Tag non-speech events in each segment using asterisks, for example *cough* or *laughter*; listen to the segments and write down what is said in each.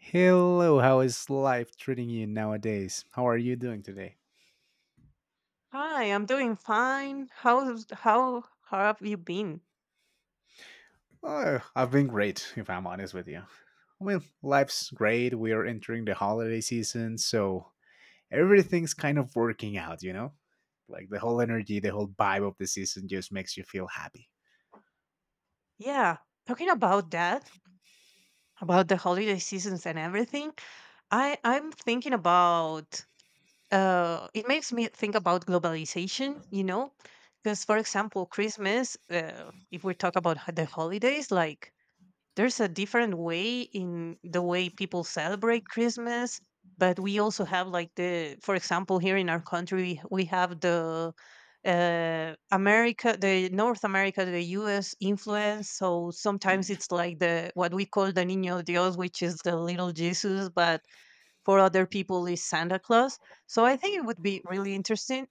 Hello, how is life treating you nowadays? How are you doing today? Hi, I'm doing fine. How have you been? Oh, I've been great, if I'm honest with you. I mean, life's great. We are entering the holiday season, so everything's kind of working out, you know? Like the whole energy, the whole vibe of the season just makes you feel happy. Yeah, talking about that, about the holiday seasons and everything. I'm thinking about it makes me think about globalization, you know? Because for example, Christmas, if we talk about the holidays, like there's a different way in the way people celebrate Christmas, but we also have like for example, here in our country, we have the America, the North America, the U.S. influence. So sometimes it's like the what we call the Niño Dios, which is the little Jesus, but for other people is Santa Claus. So I think it would be really interesting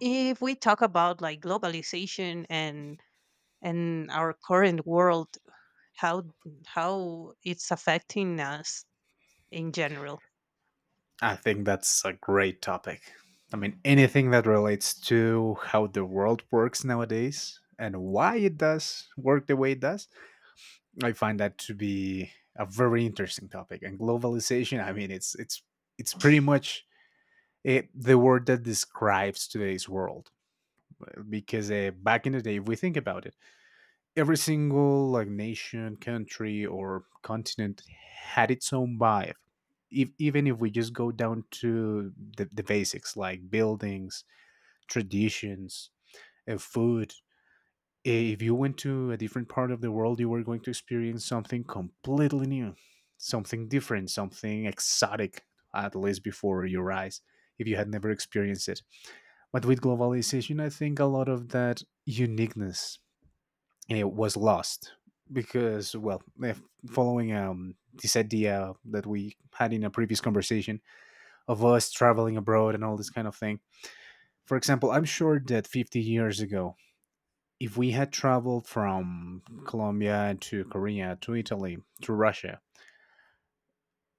if we talk about like globalization and our current world how how it's affecting us in general. I think that's a great topic. I mean, anything that relates to how the world works nowadays and why it does work the way it does, I find that to be a very interesting topic. And globalization, I mean, it's it's pretty much it, the word that describes today's world. Because back in the day, if we think about it, every single like nation, country, or continent had its own vibe. If, even if we just go down to the basics like buildings, traditions, food, if you went to a different part of the world, you were going to experience something completely new, something different, something exotic, at least before your eyes, if you had never experienced it. But with globalization, I think a lot of that uniqueness was lost because, well, following this idea that we had in a previous conversation of us traveling abroad and all this kind of thing. For example, I'm sure that 50 years ago, if we had traveled from Colombia to Korea to Italy to Russia,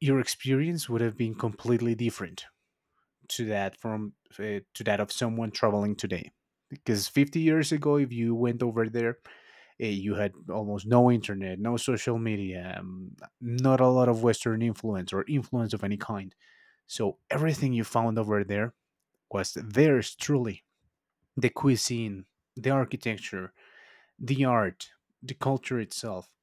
your experience would have been completely different to that from to that of someone traveling today. Because 50 years ago, if you went over there, you had almost no internet, no social media, not a lot of Western influence or influence of any kind. So everything you found over there was theirs truly, the cuisine, the architecture, the art, the culture itself.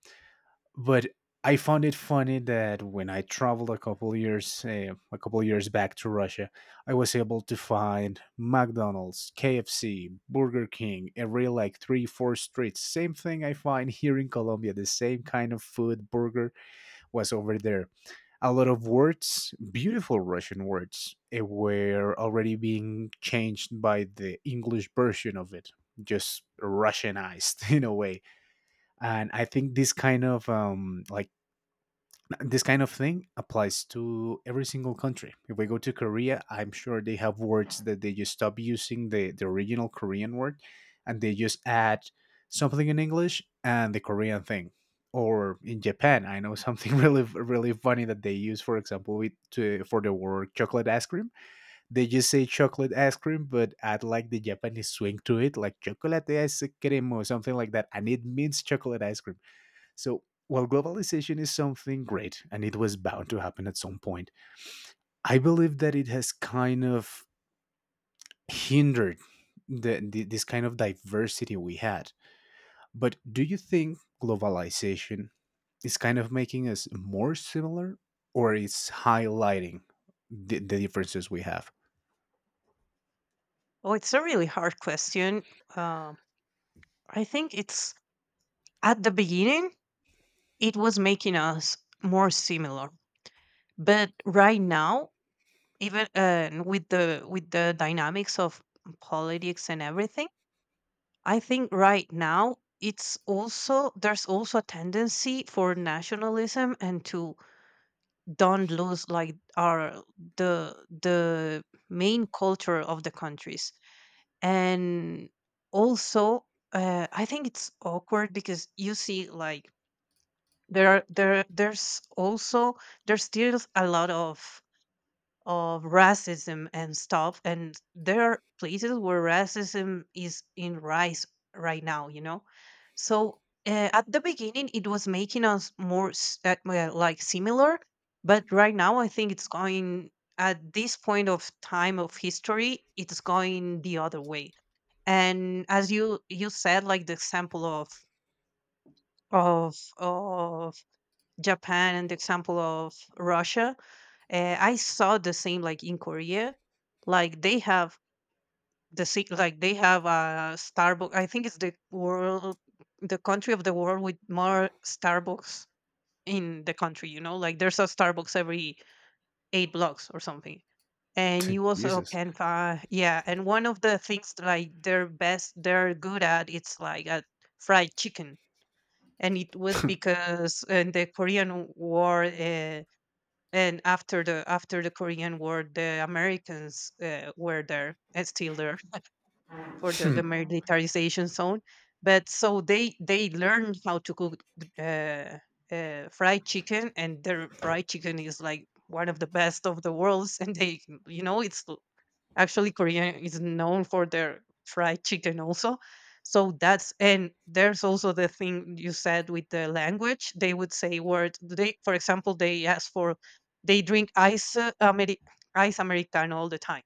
But I found it funny that when I traveled a couple years back to Russia, I was able to find McDonald's, KFC, Burger King every like 3 4 streets. Same thing I find here in Colombia. The same kind of food burger was over there. A lot of words, beautiful Russian words, were already being changed by the English version of it. Just Russianized *laughs* in a way. And I think this kind of thing applies to every single country. If we go to Korea, I'm sure they have words that they just stop using the original Korean word, and they just add something in English and the Korean thing. Or in Japan, I know something *laughs* really funny that they use, for example, for the word chocolate ice cream. They just say chocolate ice cream, but add like the Japanese swing to it, like chocolate ice cream or something like that, and it means chocolate ice cream. So while globalization is something great and it was bound to happen at some point, I believe that it has kind of hindered this kind of diversity we had. But do you think globalization is kind of making us more similar, or it's highlighting the differences we have? Oh, it's a really hard question. Um, I think it's at the beginning it was making us more similar, but right now, even with the dynamics of politics and everything, I think right now it's also there's also a tendency for nationalism and to don't lose like our the the main culture of the countries and also, I think it's awkward because you see like there there's also there's still a lot of racism and stuff, and there are places where racism is in rise right now, you know. So at the beginning it was making us more like similar, but right now I think it's going, at this point of time of history, it's going the other way. And as you said, like the example of of of Japan and the example of Russia. I saw the same like in Korea. Like they have like they have a Starbucks. I think it's the world, the country of the world with more Starbucks in the country, you know, like there's a Starbucks every 8 blocks or something. And you *laughs* also Jesus. can find, yeah, and one of the things that, like they're best, they're good at, it's like a fried chicken. And it was because in the Korean War, and after the Korean War the Americans, were there and still there for the *laughs* militarization zone. But so they learn how to cook, uh, fried chicken, and their fried chicken is like one of the best of the worlds. *laughs* And they, you know, actually Korean is known for their fried chicken also. So that's, and there's also the thing you said with the language. They would say word. They, for example, they ask for, they drink ice, ice americano all the time,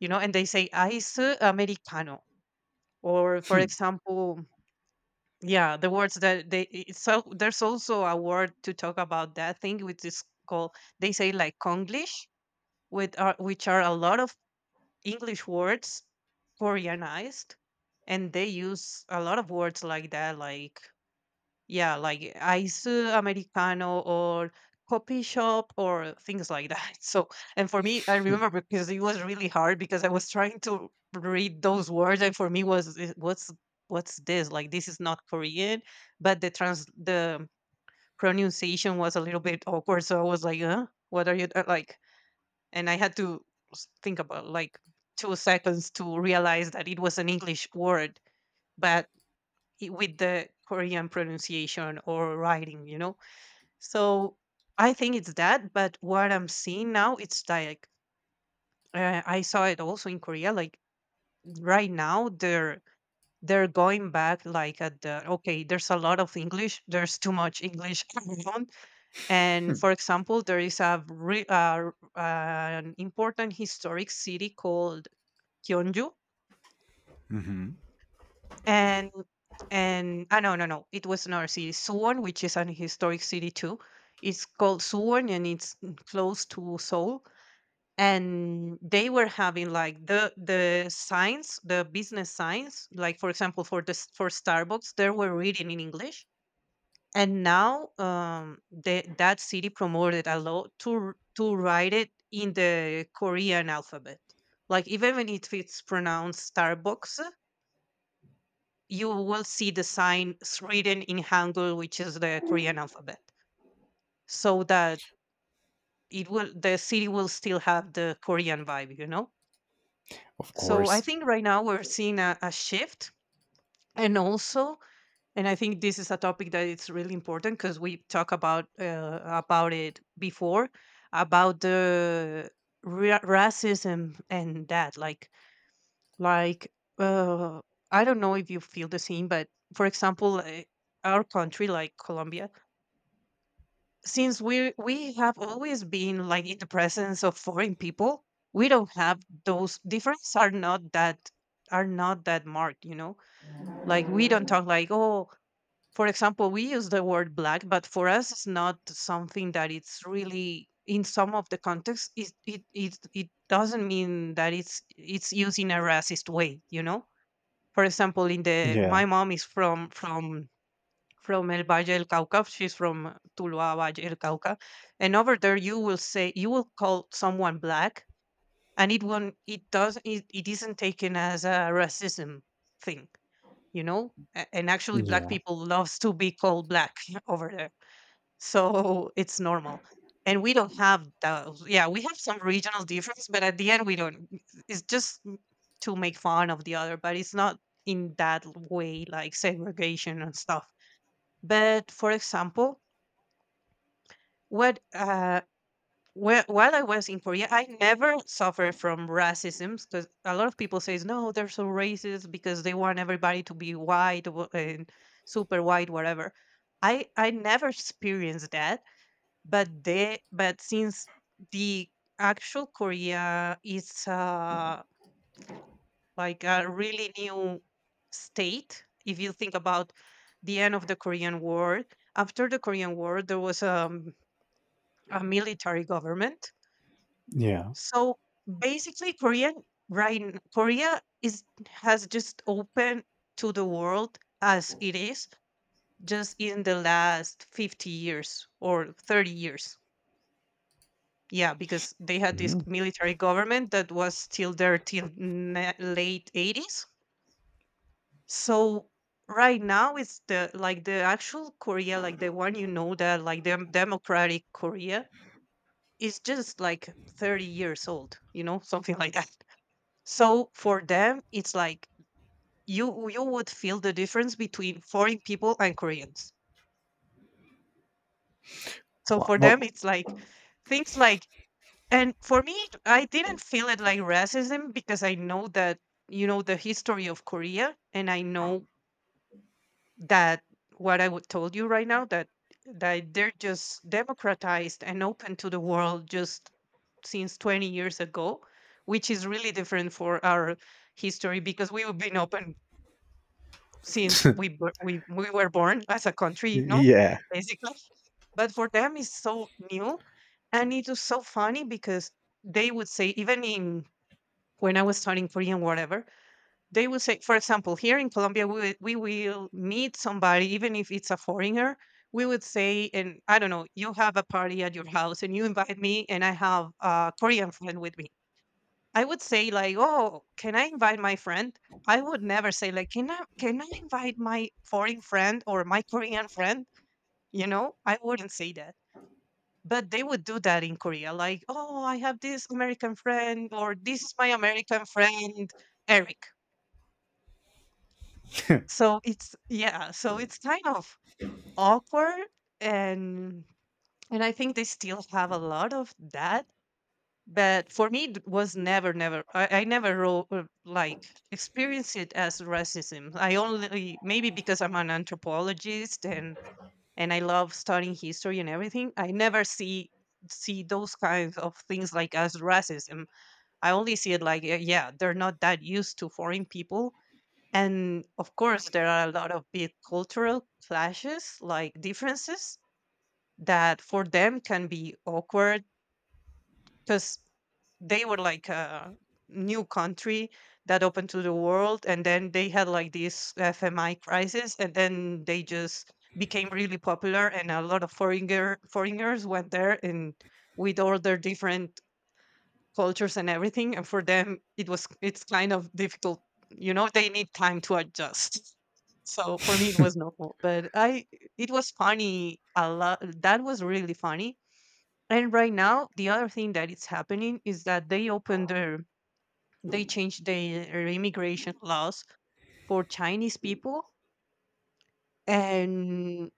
you know, and they say ice americano. Or for example, yeah, the words that they, it's, so there's also a word to talk about that thing which is called, they say like Konglish, with are which are a lot of English words Koreanized, and they use a lot of words like that, like yeah, like ice americano or coffee shop or things like that. *laughs* So, and for me, I remember because it was really hard because I was trying to read those words, and for me was, "Eh, what's this? Like this is not Korean, but the pronunciation was a little bit awkward." So I was like, huh, what are you, like? And I had to think about like 2 seconds to realize that it was an English word, but with the Korean pronunciation or writing, you know? So I think it's that, but what I'm seeing now, it's like, I saw it also in Korea. Like right now, they're going back like at the okay. There's a lot of English. There's too much English *laughs* around. And for example, there is a an important historic city called Gyeongju, Mhm. and and ah no no no, it was another city, Suwon, which is an historic city too. It's called Suwon, and it's close to Seoul. And they were having like the signs, the business signs, like for example for this, for Starbucks, they were reading in English, and now, that city promoted a lot to to write it in the Korean alphabet. Like even when, if it's pronounced Starbucks, you will see the sign written in hangul, which is the Korean alphabet, so that it will the city will still have the Korean vibe, you know. Of So I course. think right now we're seeing a shift, and also, and I think this is a topic that it's really important because we talk about, about it before, about the racism and that, like, uh, I don't know if you feel the same, but for example. Our country like Colombia, since we have always been like in the presence of foreign people, we don't have those, differences are not that, are not that marked, you know. Like we don't talk like, oh, for example, we use the word black, but for us, it's not something that it's really in some of the context. It doesn't mean that it's used in a racist way, you know. For example, in the, Yeah. my mom is from from El Valle del Cauca. She's from Tuluá Valle del Cauca, and over there you will say, you will call someone black, and it won't, it, it isn't taken as a racism thing, you know. And actually black Yeah. people loves to be called black *laughs* over there, so it's normal. And we don't have those, yeah, we have some regional difference, but at the end we don't, it's just to make fun of the other, but it's not in that way like segregation and stuff. But for example, what, well, while I was in Korea, I never suffered from racism because a lot of people says no, they're so racist because they want everybody to be white, and super white, whatever. I never experienced that, but they, but since the actual Korea is, like a really new state, if you think about the end of the Korean War, after the Korean War, there was, a military government. Yeah. So basically, Korean, Korea is, has just opened to the world as it is just in the last 50 years or 30 years. Yeah, because they had this Mhm. military government that was still there till late 80s. So right now it's the, like the actual Korea, like the one you know, that like the democratic Korea is just like 30 years old, you know, *laughs* something like that. So for them, it's like you would feel the difference between foreign people and Koreans. So Wha- for wha- them, it's like things like, and for me, I didn't feel it like racism because I know that, you know, the history of Korea, and I know that what I would told you right now, that that they're just democratized and open to the world just since 20 years ago, which is really different for our history because we've been open since we *laughs* bor- we we were born as a country, you know, yeah. basically. But for them, it's so new, and it was so funny because they would say, even in when I was studying Korean, whatever, they would say, for example, here in Colombia, we will meet somebody, even if it's a foreigner. We would say, and I don't know, you have a party at your house, and you invite me, and I have a Korean friend with me, I would say like, "Oh, can I invite my friend?" I would never say like, Can I invite my foreign friend or my Korean friend?" You know, I wouldn't say that. But they would do that in Korea, like, "Oh, I have this American friend," or "This is my American friend, Eric." *laughs* So it's kind of awkward and and I think they still have a lot of that. But for me, it was never never I, I never experienced it as racism. I only, maybe because I'm an anthropologist and I love studying history and everything, I never see those kinds of things like as racism. I only see it like yeah, they're not that used to foreign people. And of course, there are a lot of big cultural clashes, like differences that for them can be awkward, because they were like a new country that opened to the world, and then they had like this fmi crisis, and then they just became really popular, and a lot of foreigners went there and with all their different cultures and everything, and for them it's kind of difficult, you know. They need time to adjust. *laughs* So for me it was normal, but I it was funny. A lot, that was really funny. And right now, the other thing that is happening is that they changed their immigration laws for Chinese people, and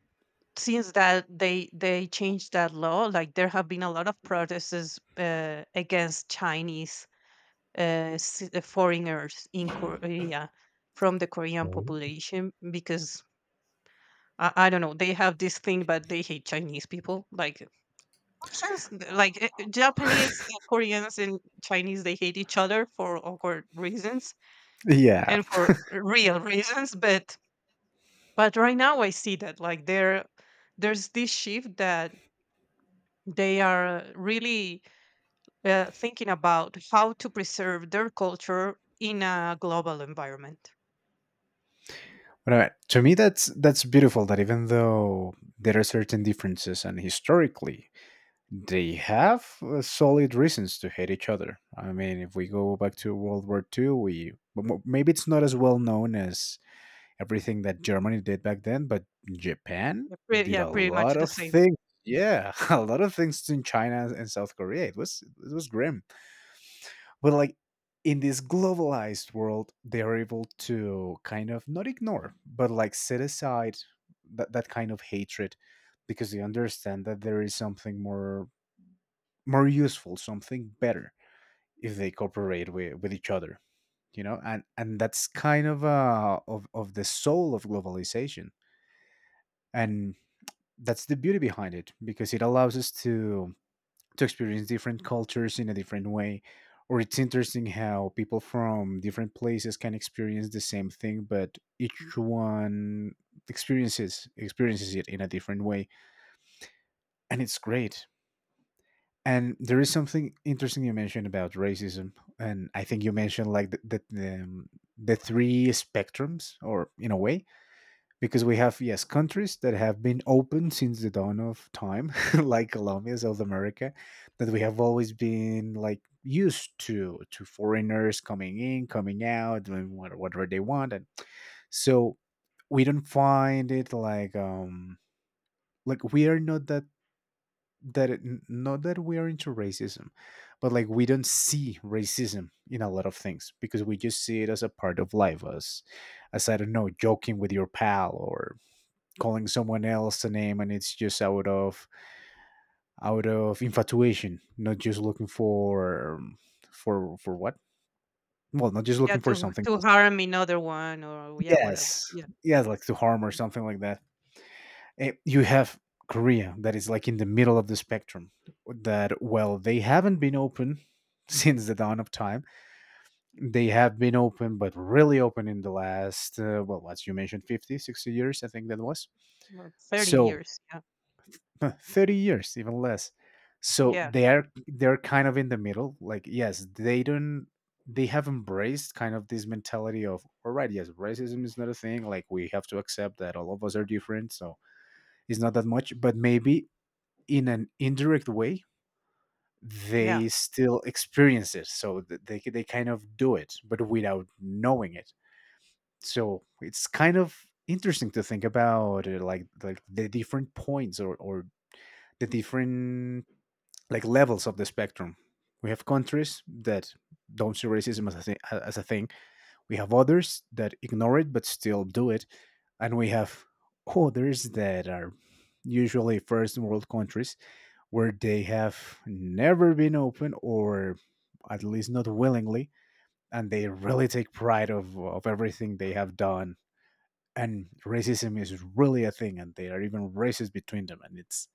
since that they changed that law, like, there have been a lot of protests against Chinese, foreigners in Korea, from the Korean Mm. population, because I don't know, they have this thing, but they hate Chinese people. Like, since, like, Japanese and Koreans and Chinese, they hate each other for awkward reasons Yeah. and for real reasons. But, right now, I see that like there's this shift, that they are really thinking about how to preserve their culture in a global environment. Right. To me, that's beautiful. That even though there are certain differences, and historically they have solid reasons to hate each other. I mean, if we go back to World War II, we but maybe it's not as well known as everything that Germany did back then, but Japan Yeah, did a pretty much lot the of same. things. Yeah, *laughs* a Yeah. lot of things in China and South Korea. It was grim, but like in this globalized world they're able to kind of not ignore but like set aside that kind of hatred, because they understand that there is something more, more useful, something better, if they cooperate with each other, you know. And that's kind of of the soul of globalization, and that's the beauty behind it, because it allows us to experience different cultures in a different way. Or it's interesting how people from different places can experience the same thing, but each one experiences it in a different way, and it's great. And there is something interesting you mentioned about racism, and I think you mentioned like the three spectrums, or in a way, because we have yes countries that have been open since the dawn of time *laughs* like Colombia, South America, that we have always been like used to foreigners coming in coming out doing whatever they want. And so we don't find it like we are not not that we are into racism, but like we don't see racism in a lot of things because we just see it as a part of life, as I don't know, joking with your pal or calling someone else a name, and it's just out of infatuation, not just looking for what, well, not just Yeah, looking for something to else. harm another one, or yeah, whatever. Yes, Yeah, yes, like to harm or something like that. Eh, you have Korea that is like in the middle of the spectrum, that well, they haven't been open *laughs* since the dawn of time. They have been open, but really open in the last well, as you mentioned 50, 60 years, I think that was. well, thirty So years. Yeah, 30 years, even less. So yeah, they're kind of in the middle, like yes they don't, they have embraced kind of this mentality of, all right, yes, racism is not a thing, like we have to accept that all of us are different, so it's not that much, but maybe in an indirect way yeah. they still experience it. So they kind of do it but without knowing it. So it's kind of interesting to think about the different points, or the different like levels of the spectrum. We have countries that don't see racism as a, as a thing. We have others that ignore it but still do it, and we have others that are usually first world countries, where they have never been open, or at least not willingly, and they really take pride of everything they have done, and racism is really a thing and they are even racist between them. And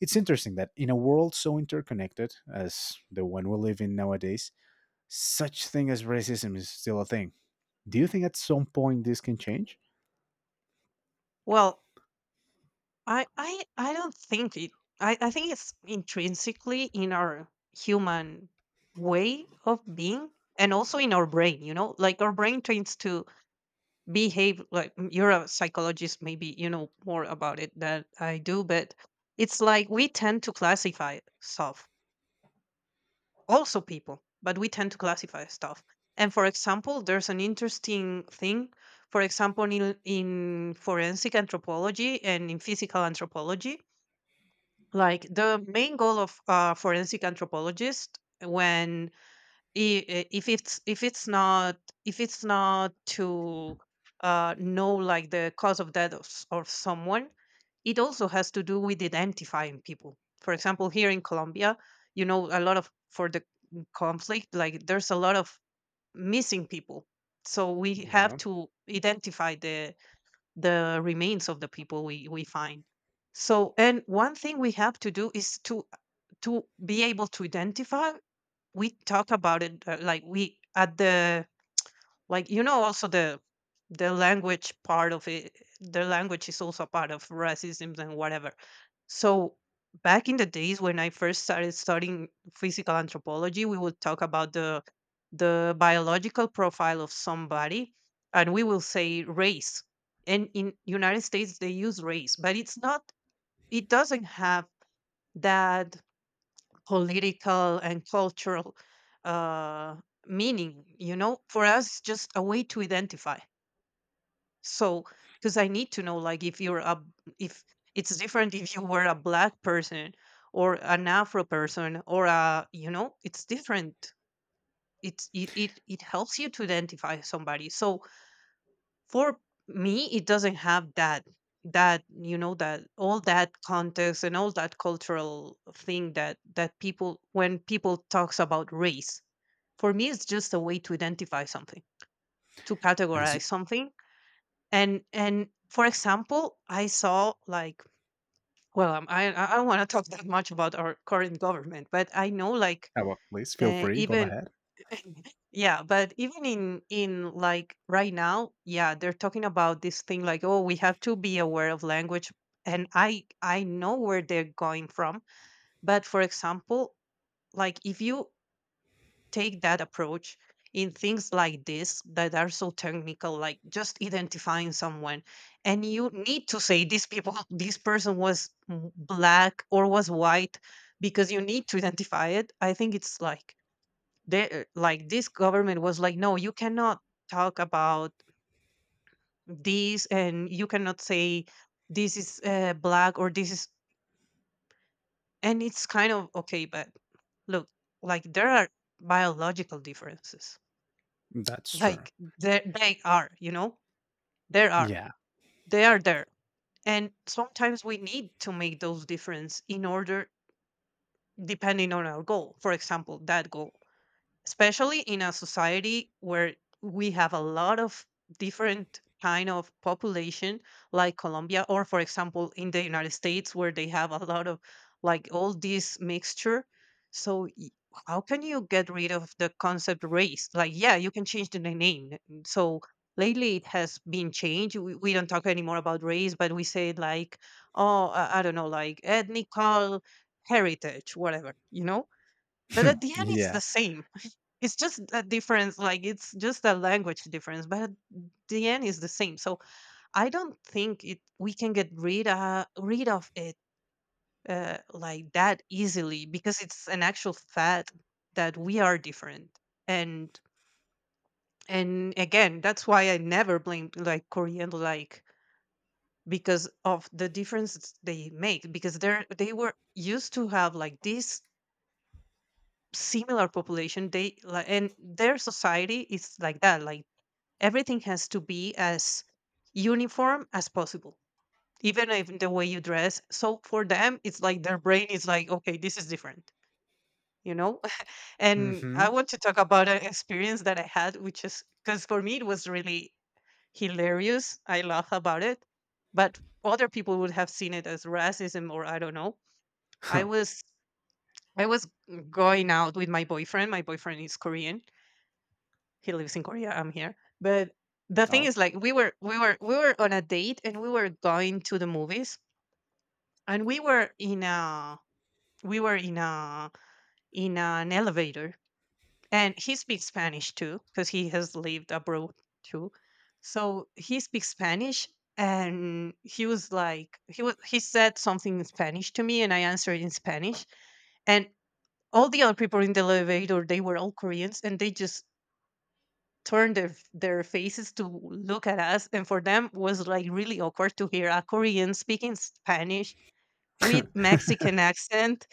it's interesting that in a world so interconnected as the one we live in nowadays, such thing as racism is still a thing. Do you think at some point this can change? Well, I don't think it. I think it's intrinsically in our human way of being, and also in our brain. You know, like, our brain tends to behave like you're a psychologist, maybe you know more about it than I do, but it's like we tend to classify stuff, also people, but we tend to classify stuff. And for example, there's an interesting thing. For example, in, forensic anthropology and in physical anthropology, like, the main goal of forensic anthropologist, when if it's not, if it's not to know, like, the cause of death of, of someone, it also has to do with identifying people. For example, here in Colombia, you know, a lot of, for the conflict, like, there's a lot of missing people, so we Yeah. have to identify the remains of the people we find. So, and one thing we have to do is to be able to identify. We talk about it, like, we at the, like, you know, also the language part of it, the language is also part of racism and whatever. So back in the days when I first started studying physical anthropology, we would talk about the biological profile of somebody, and we will say race. And in United States they use race, but it's not, it doesn't have that political and cultural uh meaning, you know. For us it's just a way to identify. So, because I need to know, like, if you're a, if, it's different if you were a black person or an Afro person, or a, you know, it's different. It's it helps you to identify somebody. So for me, it doesn't have that, that, you know, that all that context and all that cultural thing that, that people, when people talks about race. For me it's just a way to identify something, to And it's categorize something. And for example, I saw like, well, I don't want to talk *laughs* that much about our current government, but I know, like, oh, well, please feel free, go even ahead. *laughs* yeah, but even in, like, right now, yeah, they're talking about this thing like, oh, we have to be aware of language, and I know where they're going from. But for example, like, if you take that approach in things like this that are so technical, like just identifying someone, and you need to say these people, *laughs* this person was black or was white, because you need to identify it, I think it's like they, like, this government was like, no, you cannot talk about this, and you cannot say this is black or this is — and it's kind of okay, but look, like, there are biological differences, That's true. like, they are, you know, there are, Yeah. they are there. And sometimes we need to make those difference, in order, depending on our goal. For example, that goal, especially in a society where we have a lot of different kind of population, like Colombia, or for example in the United States, where they have a lot of, like, all this mixture. So how can you get rid of the concept race? Like, yeah, you can change the name. So lately it has been changed. We don't talk anymore about race, but we say, like, oh, I don't know, like, ethnical heritage, whatever, you know. But at the end, it's Yeah. the same. *laughs* It's just a difference, like, it's just a language difference, but at the end is the same. So I don't think it we can get rid rid of it like that easily, because it's an actual fact that we are different. And again, that's why I never blamed like Korean, like, because of the differences they make, because they're, they were used to have like this similar population, they like, and their society is like that, like, everything has to be as uniform as possible, even if the way you dress. So for them it's like their brain is like, okay, this is different, you know. *laughs* And I Mhm. want to talk about an experience that I had, which is, because for me it was really hilarious, I laugh about it, but other people would have seen it as racism, or I don't know. i Huh. was i was going out with my boyfriend. My boyfriend is Korean, he lives in Korea. I'm here. But the thing Oh. is, like, we were we were on a date, and we were going to the movies, and we were in a, we were in a in an elevator, and he speaks Spanish too, because he has lived abroad too, so he speaks Spanish. And he was like, he said something in Spanish to me, and I answered in Spanish, and all the other people in the elevator, they were all Koreans, and they just turned their their faces to look at us. And for them was like really awkward to hear a Korean speaking Spanish with *laughs* Mexican accent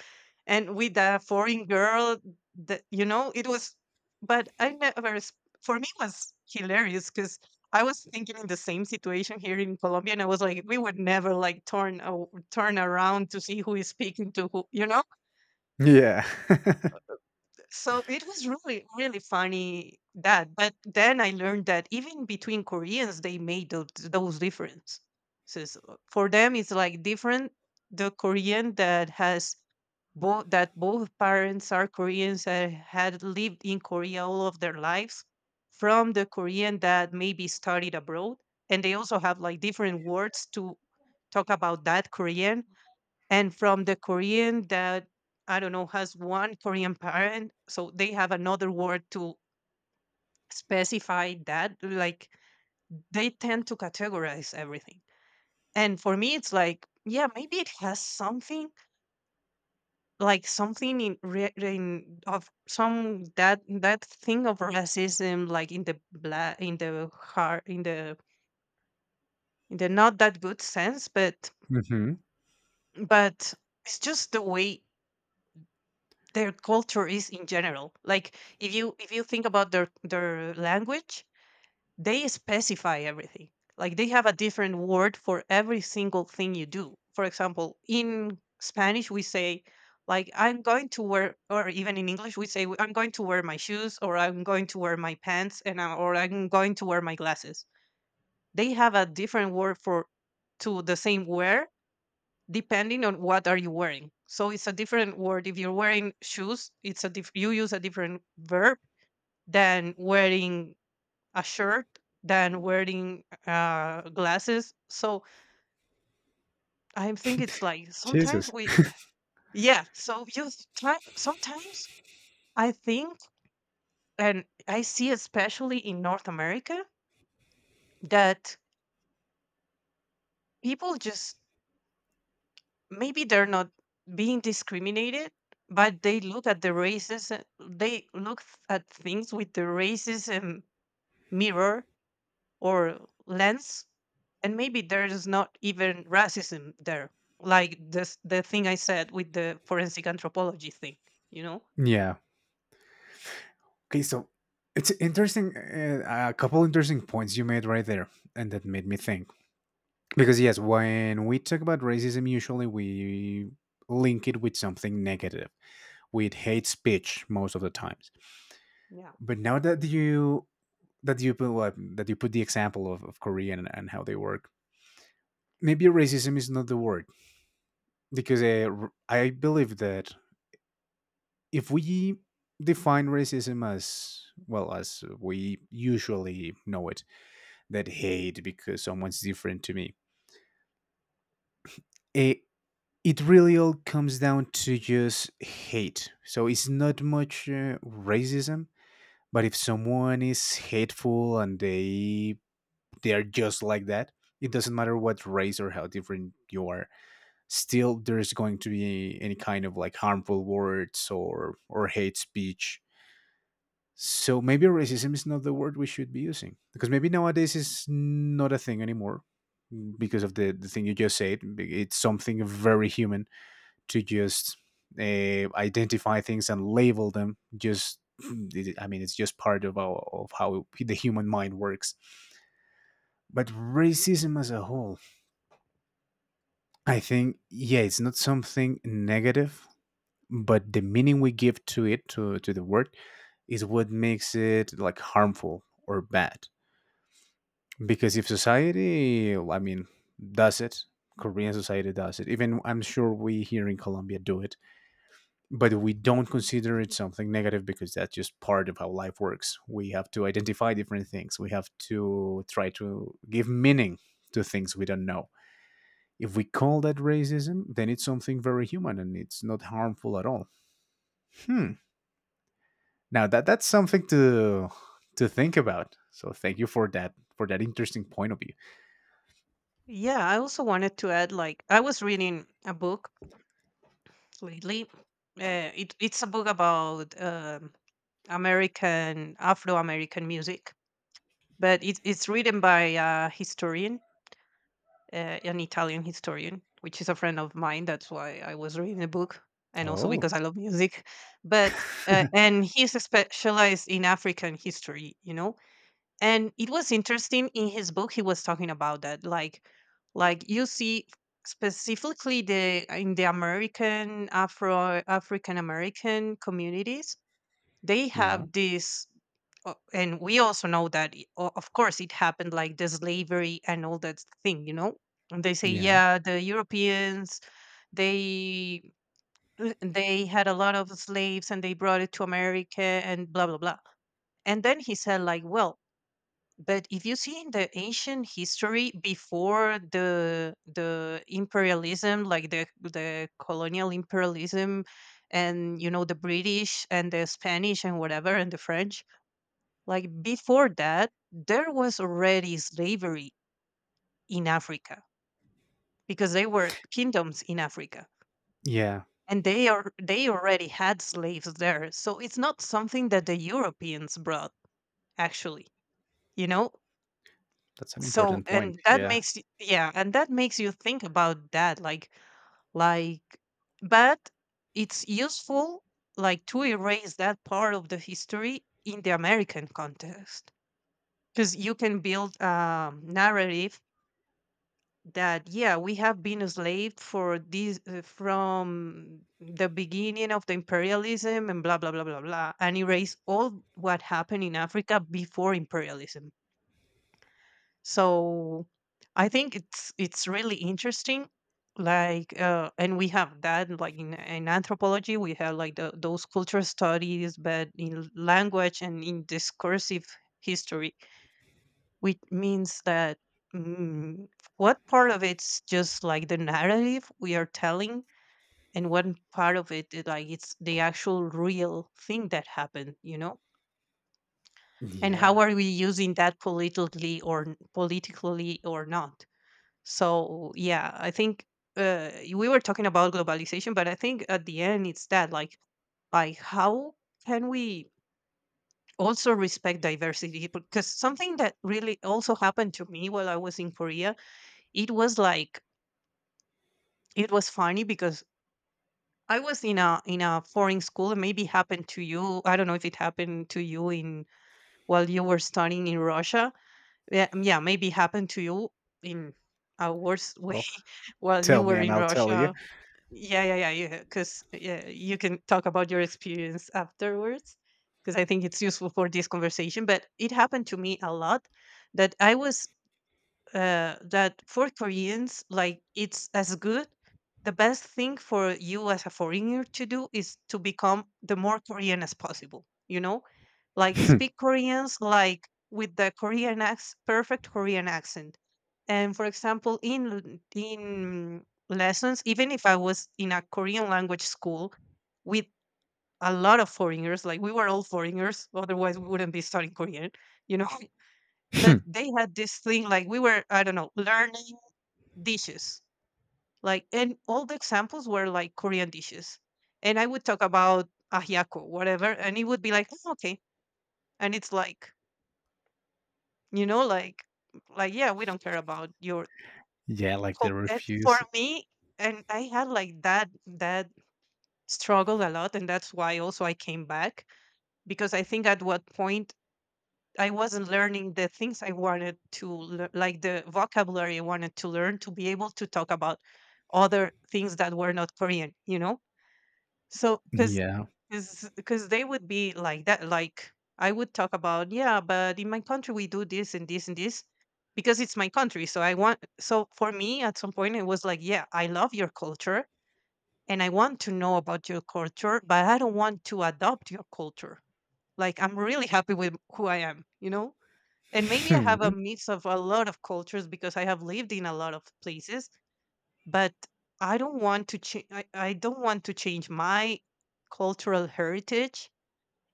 and with a foreign girl, that, you know, it was — but I never for me it was hilarious, because I was thinking in the same situation here in Colombia, and I was like, we would never like turn around to see who is speaking to who, you know. Yeah. *laughs* So it was really, really funny, that. But then I learned that even between Koreans, they made those differences. For them, it's like different. The Korean that has both parents are Koreans and had lived in Korea all of their lives, from the Korean that maybe studied abroad, and they also have like different words to talk about that Korean, and from the Korean that, I don't know, has one Korean parent, so they have another word to specify that. Like, they tend to categorize everything. And for me, it's like, yeah, maybe it has something, like something in, in of some, that that thing of racism, like, in the in the heart, in the not that good sense, but, Mhm. but it's just the way their culture is in general. Like, if you, if you think about their language, they specify everything. Like, they have a different word for every single thing you do. For example, in Spanish we say, like, I'm going to wear, or even in English we say I'm going to wear my shoes, or I'm going to wear my pants and I, or I'm going to wear my glasses. They have a different word for, to the same wear, depending on what are you wearing. So it's a different word if you're wearing shoes, it's a you use a different verb than wearing a shirt than wearing glasses. So I think it's like, sometimes Jesus. we — yeah, so you try sometimes, I think. And I see, especially in North America, that people just, maybe they're not being discriminated, but they look at the races, they look at things with the racism mirror, or lens, and maybe there is not even racism there. Like this, the thing I said with the forensic anthropology thing, you know. Yeah. Okay, so it's interesting, a couple interesting points you made right there, and that made me think. Because yes, when we talk about racism, usually we link it with something negative, with hate speech most of the times. Yeah, But now that you put what that you put the example of Korea, and how they work, maybe racism is not the word. Because I believe that if we define racism as, well, as we usually know it, that hate because someone's different to me, it, it really all comes down to just hate. So it's not much racism, but if someone is hateful and they are just like that, it doesn't matter what race or how different you are, still there's going to be any kind of like harmful words or hate speech. So maybe racism is not the word we should be using, because maybe nowadays is not a thing anymore, mm, because of the thing you just said, it's something very human to just identify things and label them. Just I mean, it's just part of, our, of how the human mind works. But racism as a whole, I think, yeah, it's not something negative, but the meaning we give to it, to the word, is what makes it like harmful or bad. Because if society, I mean, does it, Korean society does it, even I'm sure we here in Colombia do it, but we don't consider it something negative, because that's just part of how life works. We have to identify different things, we have to try to give meaning to things we don't know. If we call that racism, then it's something very human and it's not harmful at all. Hmm. Now that that's something to think about. So thank you for that, for that interesting point of view. yeah, I also wanted to add, like, I was reading a book lately. It's a book about American Afro-American music, but it's written by a historian, an Italian historian, which is a friend of mine. That's why I was reading the book, and also Oh, because I love music. But and he's specialized in African history, you know, and it was interesting. In his book he was talking about that, like, you see, specifically the in the American, afro African American communities, they yeah, have this. And we also know that, of course, it happened, like, the slavery and all that thing, you know. And they say, yeah. yeah, the Europeans, they they had a lot of slaves and they brought it to America, and blah blah blah. And then he said, like, well, but if you see in the ancient history before the imperialism, like the colonial imperialism, and, you know, the British and the Spanish and whatever and the French, like, before that there was already slavery in Africa, because they were kingdoms in Africa. Yeah, And they already had slaves there, so it's not something that the Europeans brought, actually, you know. that's an So, important point. Yeah. And that makes you think about that, like, but it's useful, like, to erase that part of the history in the American context, because you can build a narrative that, yeah, we have been enslaved for this from the beginning of the imperialism and blah blah blah blah blah, and erase all what happened in Africa before imperialism. So, I think it's really interesting, like, and we have that, like, in anthropology we have, like, those cultural studies, but in language and in discursive history, which means that, mm, what part of it's just like the narrative we are telling, and what part of it is, like, it's the actual real thing that happened, you know. And Yeah. how are we using that politically or not? So, yeah, I think, we were talking about globalization, but I think at the end it's that, like, how can we also respect diversity? Because something that really also happened to me while I was in Korea. It was like, it was funny because I was in a foreign school, and maybe happened to you. I don't know if it happened to you in while you were studying in Russia. Yeah, yeah, maybe happened to you in a worse way, Well, *laughs* while you tell me were and in I'll tell you. Russia. Yeah, yeah, yeah. You, because, yeah, you can talk about your experience afterwards, because I think it's useful for this conversation. But it happened to me a lot, that I was, that for Koreans, like, it's as good. The best thing for you as a foreigner to do is to become the more Korean as possible. You know, like, speak *laughs* Koreans like with the Korean accent, perfect Korean accent. And, for example, in lessons, even if I was in a Korean language school with a lot of foreigners, like, we were all foreigners, otherwise we wouldn't be studying Korean, you know. *laughs* But *clears throat* they had this thing, like, we were, I don't know, learning dishes. Like, and all the examples were like Korean dishes. And I would talk about ahyako, whatever, and it would be like, "Oh, okay." And it's like, you know, like, yeah, we don't care about your yeah, like they cul and for refuse. me, and I had like that struggle a lot, and that's why also I came back, because I think, at what point I wasn't learning the things I wanted to lear like, the vocabulary I wanted to learn, to be able to talk about other things that were not Korean, you know? So, Yeah. because they would be like that, like, I would talk about, "Yeah, but in my country we do this and this and this because it's my country." So, I want so for me, at some point, it was like, "Yeah, I love your culture and I want to know about your culture, but I don't want to adopt your culture. Like, I'm really happy with who I am, you know?" And maybe I have a *laughs* mix of a lot of cultures because I have lived in a lot of places, but I don't want to change. I don't want to change my cultural heritage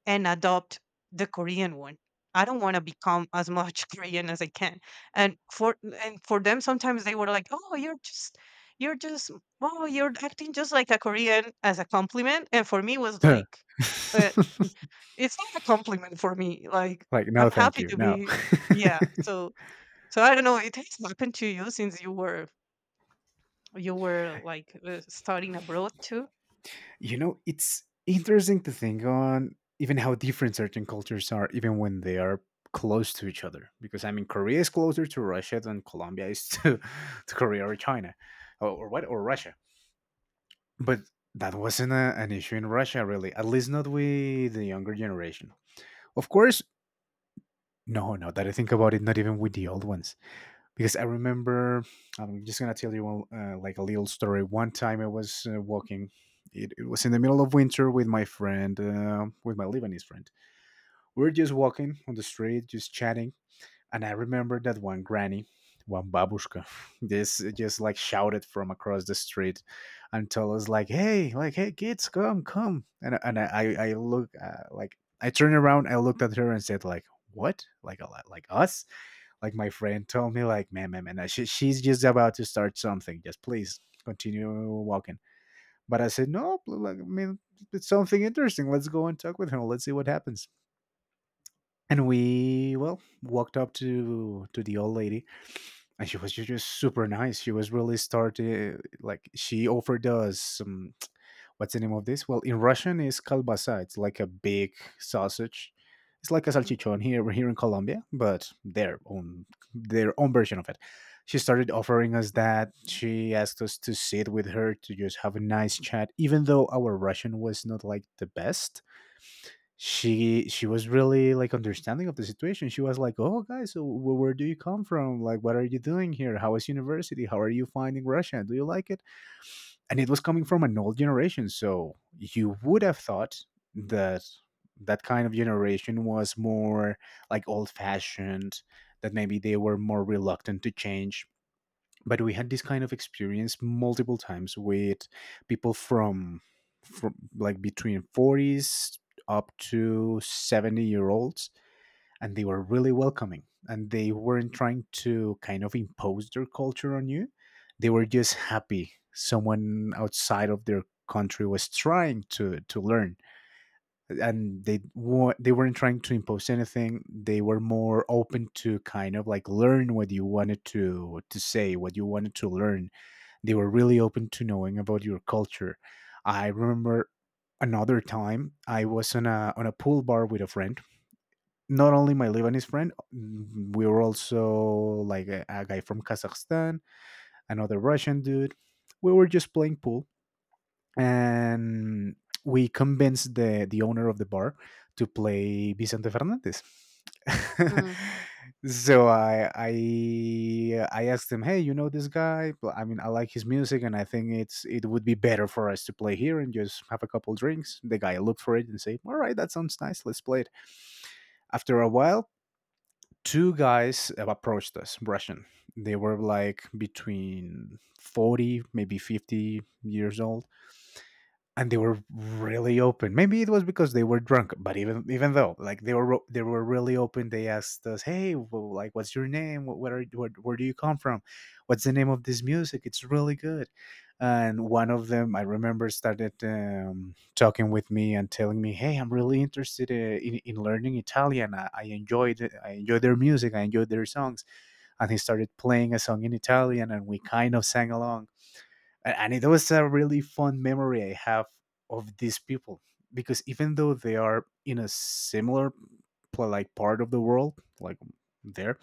and adopt the Korean one. I don't want to become as much *laughs* Korean as I can. And for them, sometimes they were like, "Oh, you're just." You're just, oh, you're acting just like a Korean, as a compliment, and for me it was like, uh, it's not a compliment for me. Like, like no I'm thank happy you. to No. be, *laughs* yeah. So I don't know. It has happened to you since you were, like, studying abroad too. You know, it's interesting to think on even how different certain cultures are, even when they are close to each other. Because I mean, Korea is closer to Russia than Colombia is to, *laughs* to Korea or China, or Russia. But that wasn't an issue in Russia, really. At least not with the younger generation. Of course, no, no. That I think about it, not even with the old ones because I remember I'm just gonna tell you one, like a little story. One time I was walking. It was in the middle of winter with my friend, with my Lebanese friend. We were just walking on the street, just chatting, and I remember that one granny, one babushka, *laughs* this just like shouted from across the street, and told us like, hey kids, come, come!" And I look like I turned around, I looked at her and said like, "What? Like a lot, like us?" Like my friend told me like, she's just about to start something, just please continue walking. But I said no, like, I mean, it's something interesting. Let's go and talk with her, let's see what happens. And we well walked up to the old lady, and she was just super nice. She was really started, like, she offered us some, what's the name of this? Well, in Russian is kalbasa. It's like a big sausage. It's like a Mm. salchichon here in Colombia, but their own version of it. She started offering us that. She asked us to sit with her to just have a nice chat, even though our Russian was not like the best. She was really like understanding of the situation. She was like, "Oh, guys, so where do you come from? Like, what are you doing here? How is university? How are you finding Russia? Do you like it?" And it was coming from an old generation, so you would have thought that that kind of generation was more like old fashioned, that maybe they were more reluctant to change. But we had this kind of experience multiple times with people from like between 40s up to 70 year olds, and they were really welcoming, and they weren't trying to kind of impose their culture on you. They were just happy someone outside of their country was trying to learn. And they weren't trying to impose anything. They were more open to kind of like learn what you wanted to say, what you wanted to learn. They were really open to knowing about your culture. I remember another time I was on a pool bar with a friend. Not only my Lebanese friend, we were also like a guy from Kazakhstan, another Russian dude. We were just playing pool, and we convinced the owner of the bar to play Vicente Fernandez. *laughs* Mm. So I I asked him, hey, you know this guy? Well, I mean, I like his music, and I think it would be better for us to play here and just have a couple drinks. The guy looked for it and said, all right, that sounds nice. Let's play it. After a while, two guys approached us, Russian. They were like between 40, maybe 50 years old, and they were really open. Maybe it was because they were drunk, but even even though, like, they were really open. They asked us, "Hey, well, like, what's your name? What where do you come from? What's the name of this music? It's really good." And one of them, I remember, started talking with me and telling me, "Hey, I'm really interested in learning Italian. I enjoyed it. I enjoy their music. I enjoy their songs." And he started playing a song in Italian, and we kind of sang along, and it was a really fun memory I have of these people. Because even though they are in a similar like part of the world, like there,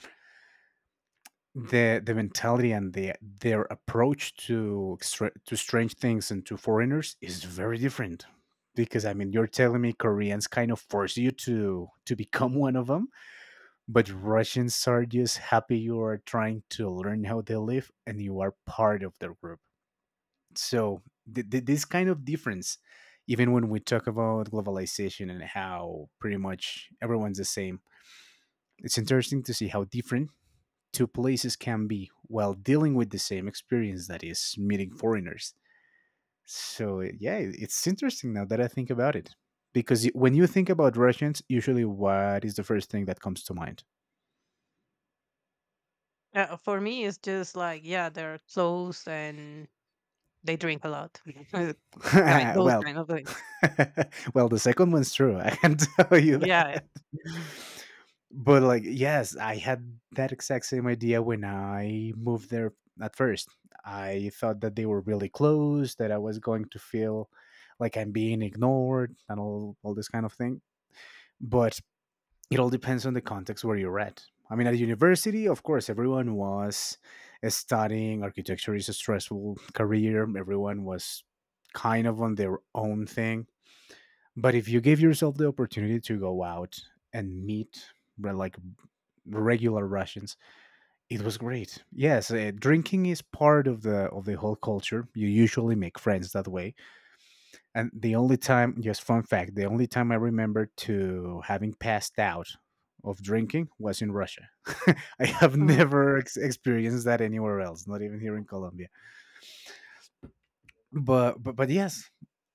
the mentality and the their approach to to strange things and to foreigners is very different. Because I mean, you're telling me Koreans kind of force you to become one of them, but Russians are just happy you are trying to learn how they live and you are part of their group. So this kind of difference, even when we talk about globalization and how pretty much everyone's the same, it's interesting to see how different two places can be while dealing with the same experience, that is meeting foreigners. So yeah, it's interesting now that I think about it, because when you think about Russians, usually what is the first thing that comes to mind? For me, it's just like, yeah, they're close and they drink a lot. *laughs* *laughs* Those Well. kind of things. *laughs* Well, the second one's true. I can *laughs* tell you Yeah, yeah, that. But like, yes, I had that exact same idea when I moved there at first. I thought that they were really close, that I was going to feel like I'm being ignored, and all this kind of thing. But it all depends on the context where you're at. I mean, at university, of course, everyone was studying. Architecture is a stressful career. Everyone was kind of on their own thing. But if you give yourself the opportunity to go out and meet like regular Russians, it was great. Yes, drinking is part of the whole culture. You usually make friends that way. And the only time, just fun fact, the only time I remember to having passed out of drinking was in Russia. *laughs* I have mhm. never experienced that anywhere else, not even here in Colombia. But yes,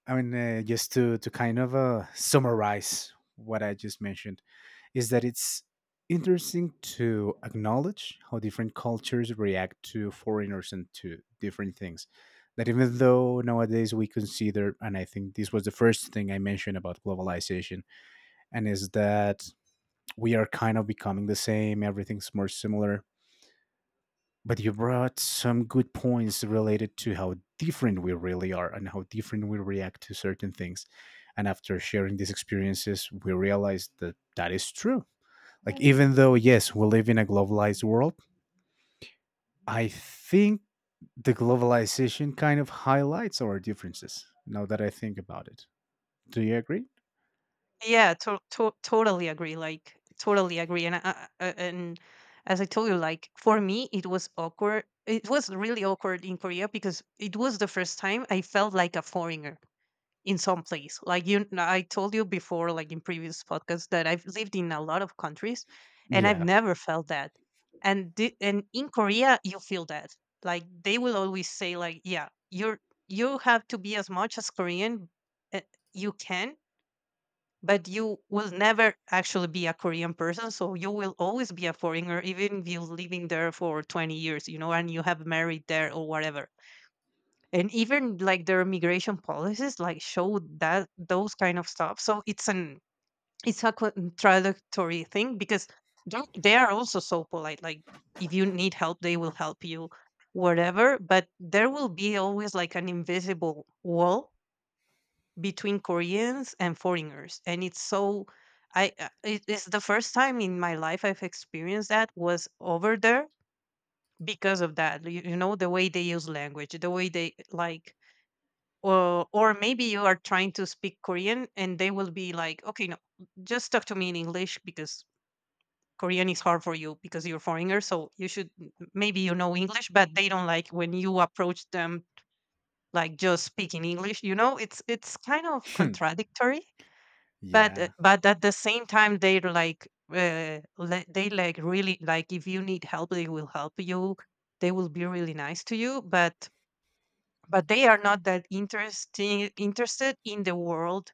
I mean, just to kind of summarize what I just mentioned, is that it's interesting to acknowledge how different cultures react to foreigners and to different things. That even though nowadays we consider, and I think this was the first thing I mentioned about globalization, and is that we are kind of becoming the same, everything's more similar. But you brought some good points related to how different we really are and how different we react to certain things. And after sharing these experiences, we realized that that is true, like, even though, yes, we live in a globalized world, I think the globalization kind of highlights our differences now that I think about it. Do you agree? Yeah. Totally agree. Like, totally agree. And I, I- and as I told you, like, for me, it was awkward. It was really awkward in Korea because it was the first time I felt like a foreigner in some place. Like, you, I told you before, like, in previous podcasts, that I've lived in a lot of countries, and I've Yeah. never felt that. And in Korea, you feel that. Like, they will always say, like, yeah, you're, you have to be as much as Korean, uh, you can, but you will never actually be a Korean person. So you will always be a foreigner, even if you're living there for 20 years, you know, and you have married there or whatever. And even like their immigration policies, like, show that those kind of stuff, so it's a contradictory thing because they are also so polite, like, if you need help they will help you, whatever, but there will be always like an invisible wall between Koreans and foreigners, and it's so, I it's the first time in my life I've experienced that, was over there. Because of that, you know the way they use language, the way they, like, or maybe you are trying to speak Korean and they will be like, okay, no, just talk to me in English, because Korean is hard for you because you're foreigner. So you should, maybe you know English, but they don't like when you approach them like just speaking English. You know, it's kind of *laughs* Hmm. contradictory. But Yeah. but at the same time they're like, they like, really, like, if you need help they will help you. They will be really nice to you, but, they are not that interesting interested in the world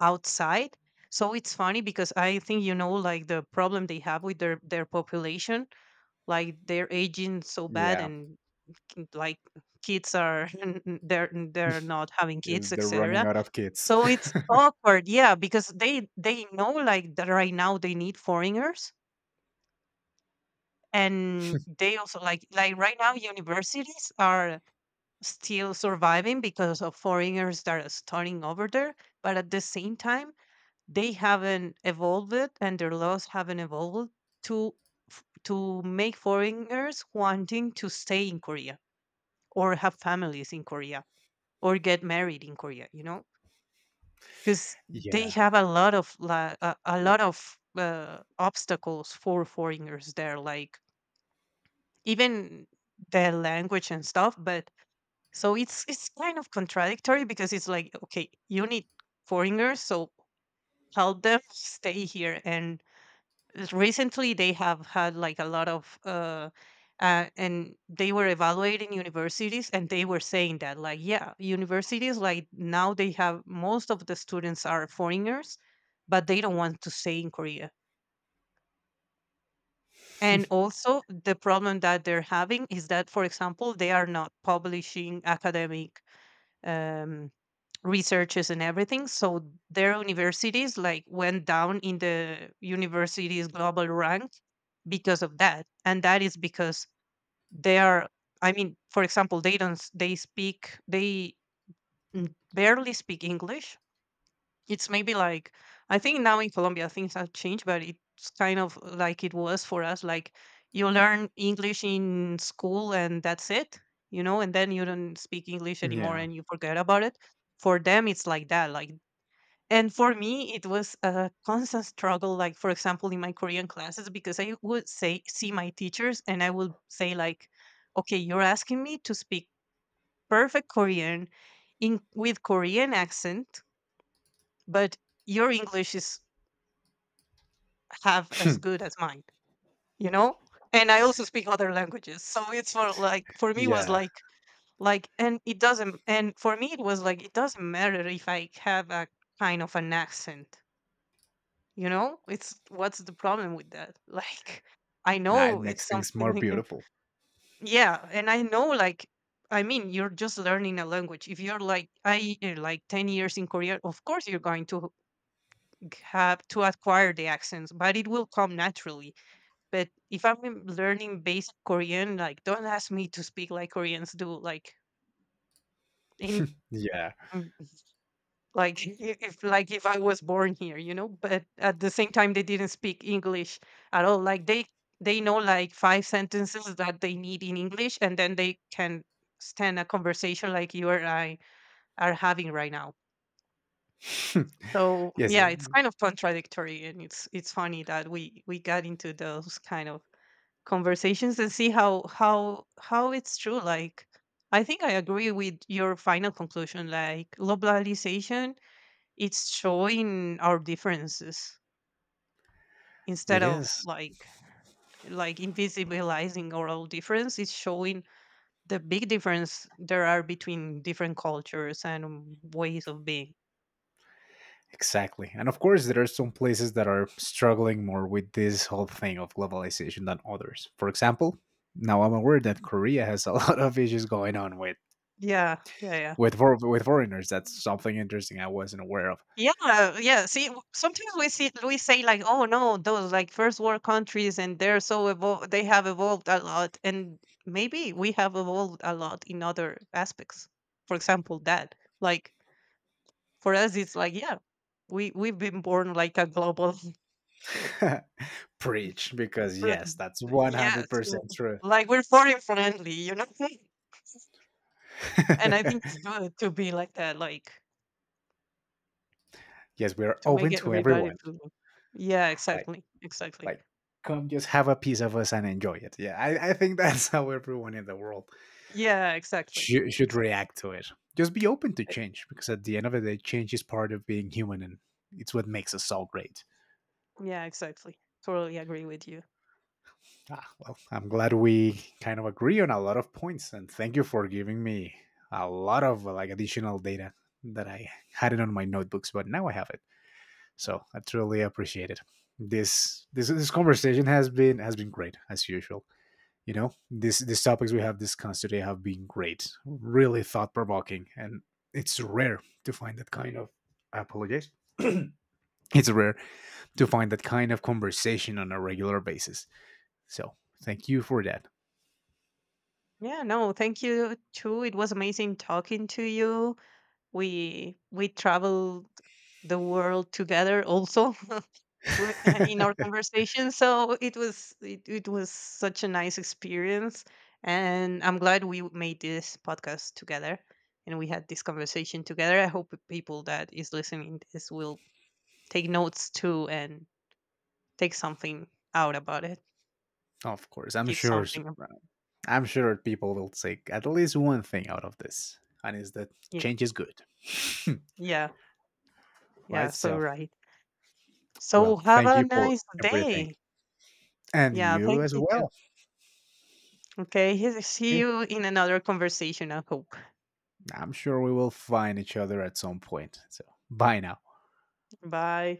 outside. So it's funny because, I think, you know, like the problem they have with their population, like, they're aging so bad, Yeah. and like kids are *laughs* they're not having Yes, kids, they're running etc. out of kids. So it's *laughs* awkward, yeah, because they know, like, that right now they need foreigners. And they also like, right now universities are still surviving because of foreigners that are starting over there. But at the same time, they haven't evolved, and their laws haven't evolved to to make foreigners wanting to stay in Korea, or have families in Korea, or get married in Korea, you know. Because they Yeah. have a lot of a lot of obstacles for foreigners there, like, even the language and stuff. But, so it's kind of contradictory, because it's like, okay, you need foreigners, so help them *laughs* stay here. And recently, they have had like a lot of, and they were evaluating universities, and they were saying that, like, yeah, universities, like, now they have, most of the students are foreigners, but they don't want to stay in Korea. And *laughs* also, the problem that they're having is that, for example, they are not publishing academic, um, researches and everything, so their universities, like, went down in the universities global rank because of that. And that is because they are, I mean, for example, they don't s- they speak they n- barely speak English. It's maybe, like, I think now in Colombia things have changed, but it's kind of like it was for us, like, you learn English in school and that's it, you know. And then you don't speak English anymore Yeah. and you forget about it. For them it's like that, like, and for me, it was a constant struggle. Like, for example, in my Korean classes, because I would say, see my teachers and I would say, like, okay, you're asking me to speak perfect Korean in with Korean accent, but your English is half Hmm. as good as mine, you know? And I also speak other languages. So it's for, like, for me was Yeah. Like, and it doesn't, and for me, it was like, it doesn't matter if I have a kind of an accent. You know, it's, what's the problem with that? *laughs* Like, I Nah, it know makes it's things more something, *laughs* like- beautiful. Yeah, and I know, like, I mean, you're just learning a language. If you're like, I, like, 10 years in Korea, of course you're going to have to acquire the accents, but it will come naturally. But if I'm learning basic Korean, like, don't ask me to speak like Koreans do. Like, in, Yeah. mm, like, *laughs* if, like, if I was born here, you know. But at the same time they didn't speak English at all. Like, they know like five sentences that they need in English, and then they can stand a conversation like you and I are having right now. *laughs* So, Yes, yeah, it it's kind of contradictory, and it's funny that we got into those kind of conversations, and see how it's true. Like, I think I agree with your final conclusion, like, globalization, it's showing our differences instead of, is. like, invisibilizing our own difference. It's showing the big difference there are between different cultures and ways of being. Exactly. And of course, there are some places that are struggling more with this whole thing of globalization than others. For example, now I'm aware that Korea has a *laughs* lot of issues going on with Yeah, yeah, yeah, with foreigners. That's something interesting I wasn't aware of. yeah. Yeah, see, sometimes we see, we say, like, "Oh, no, those, like, first world countries, and they're so they have evolved a lot," and maybe we have evolved a lot in other aspects. For example, that, like, for us, it's like, yeah, we've been born like a global. *laughs* *laughs* Preach, because Like, yes, that's yes, 100% true. like, we're foreign friendly, you know. *laughs* And I think *laughs* it's good to be like that, like, Yes, we are to make open it to everybody everyone. feel. Yeah, Like exactly, exactly. like come just have a piece of us and enjoy it. Yeah, I think *laughs* that's how everyone in the world Yeah, exactly, should exactly. react to it. Just be open to I- change, because at the end of the day, change is part of being human, and it's what makes us all great. Yeah, exactly. Totally agree with you. Ah, well, I'm glad we kind of agree on a lot of points, and thank you for giving me a lot of like additional data that I had it on my notebooks, but now I have it. So I truly appreciate it. This conversation has been great as usual. You know, these topics we have discussed today have been great, really thought-provoking, and it's rare to find that kind of Apologies, *clears throat* it's rare to find that kind of conversation on a regular basis. So thank you for that. Yeah, no, thank you too. It was amazing talking to you. We traveled the world together also, w- *laughs* in *laughs* our conversation. So it was it was such a nice experience, and I'm glad we made this podcast together and we had this conversation together. I hope the people that is listening this will take notes too and take something out about it. Of course, I'm Keep sure, something. I'm sure people will take at least one thing out of this, and is that Yeah, change is good. yeah, *laughs* Right, yeah. So, so right. well, So have thank a you for nice everything, day. and Yeah, you thank as you too. well. Okay, *laughs* see Okay, you in another conversation, I hope. I'm sure we will find each other at some point. So bye now. Bye.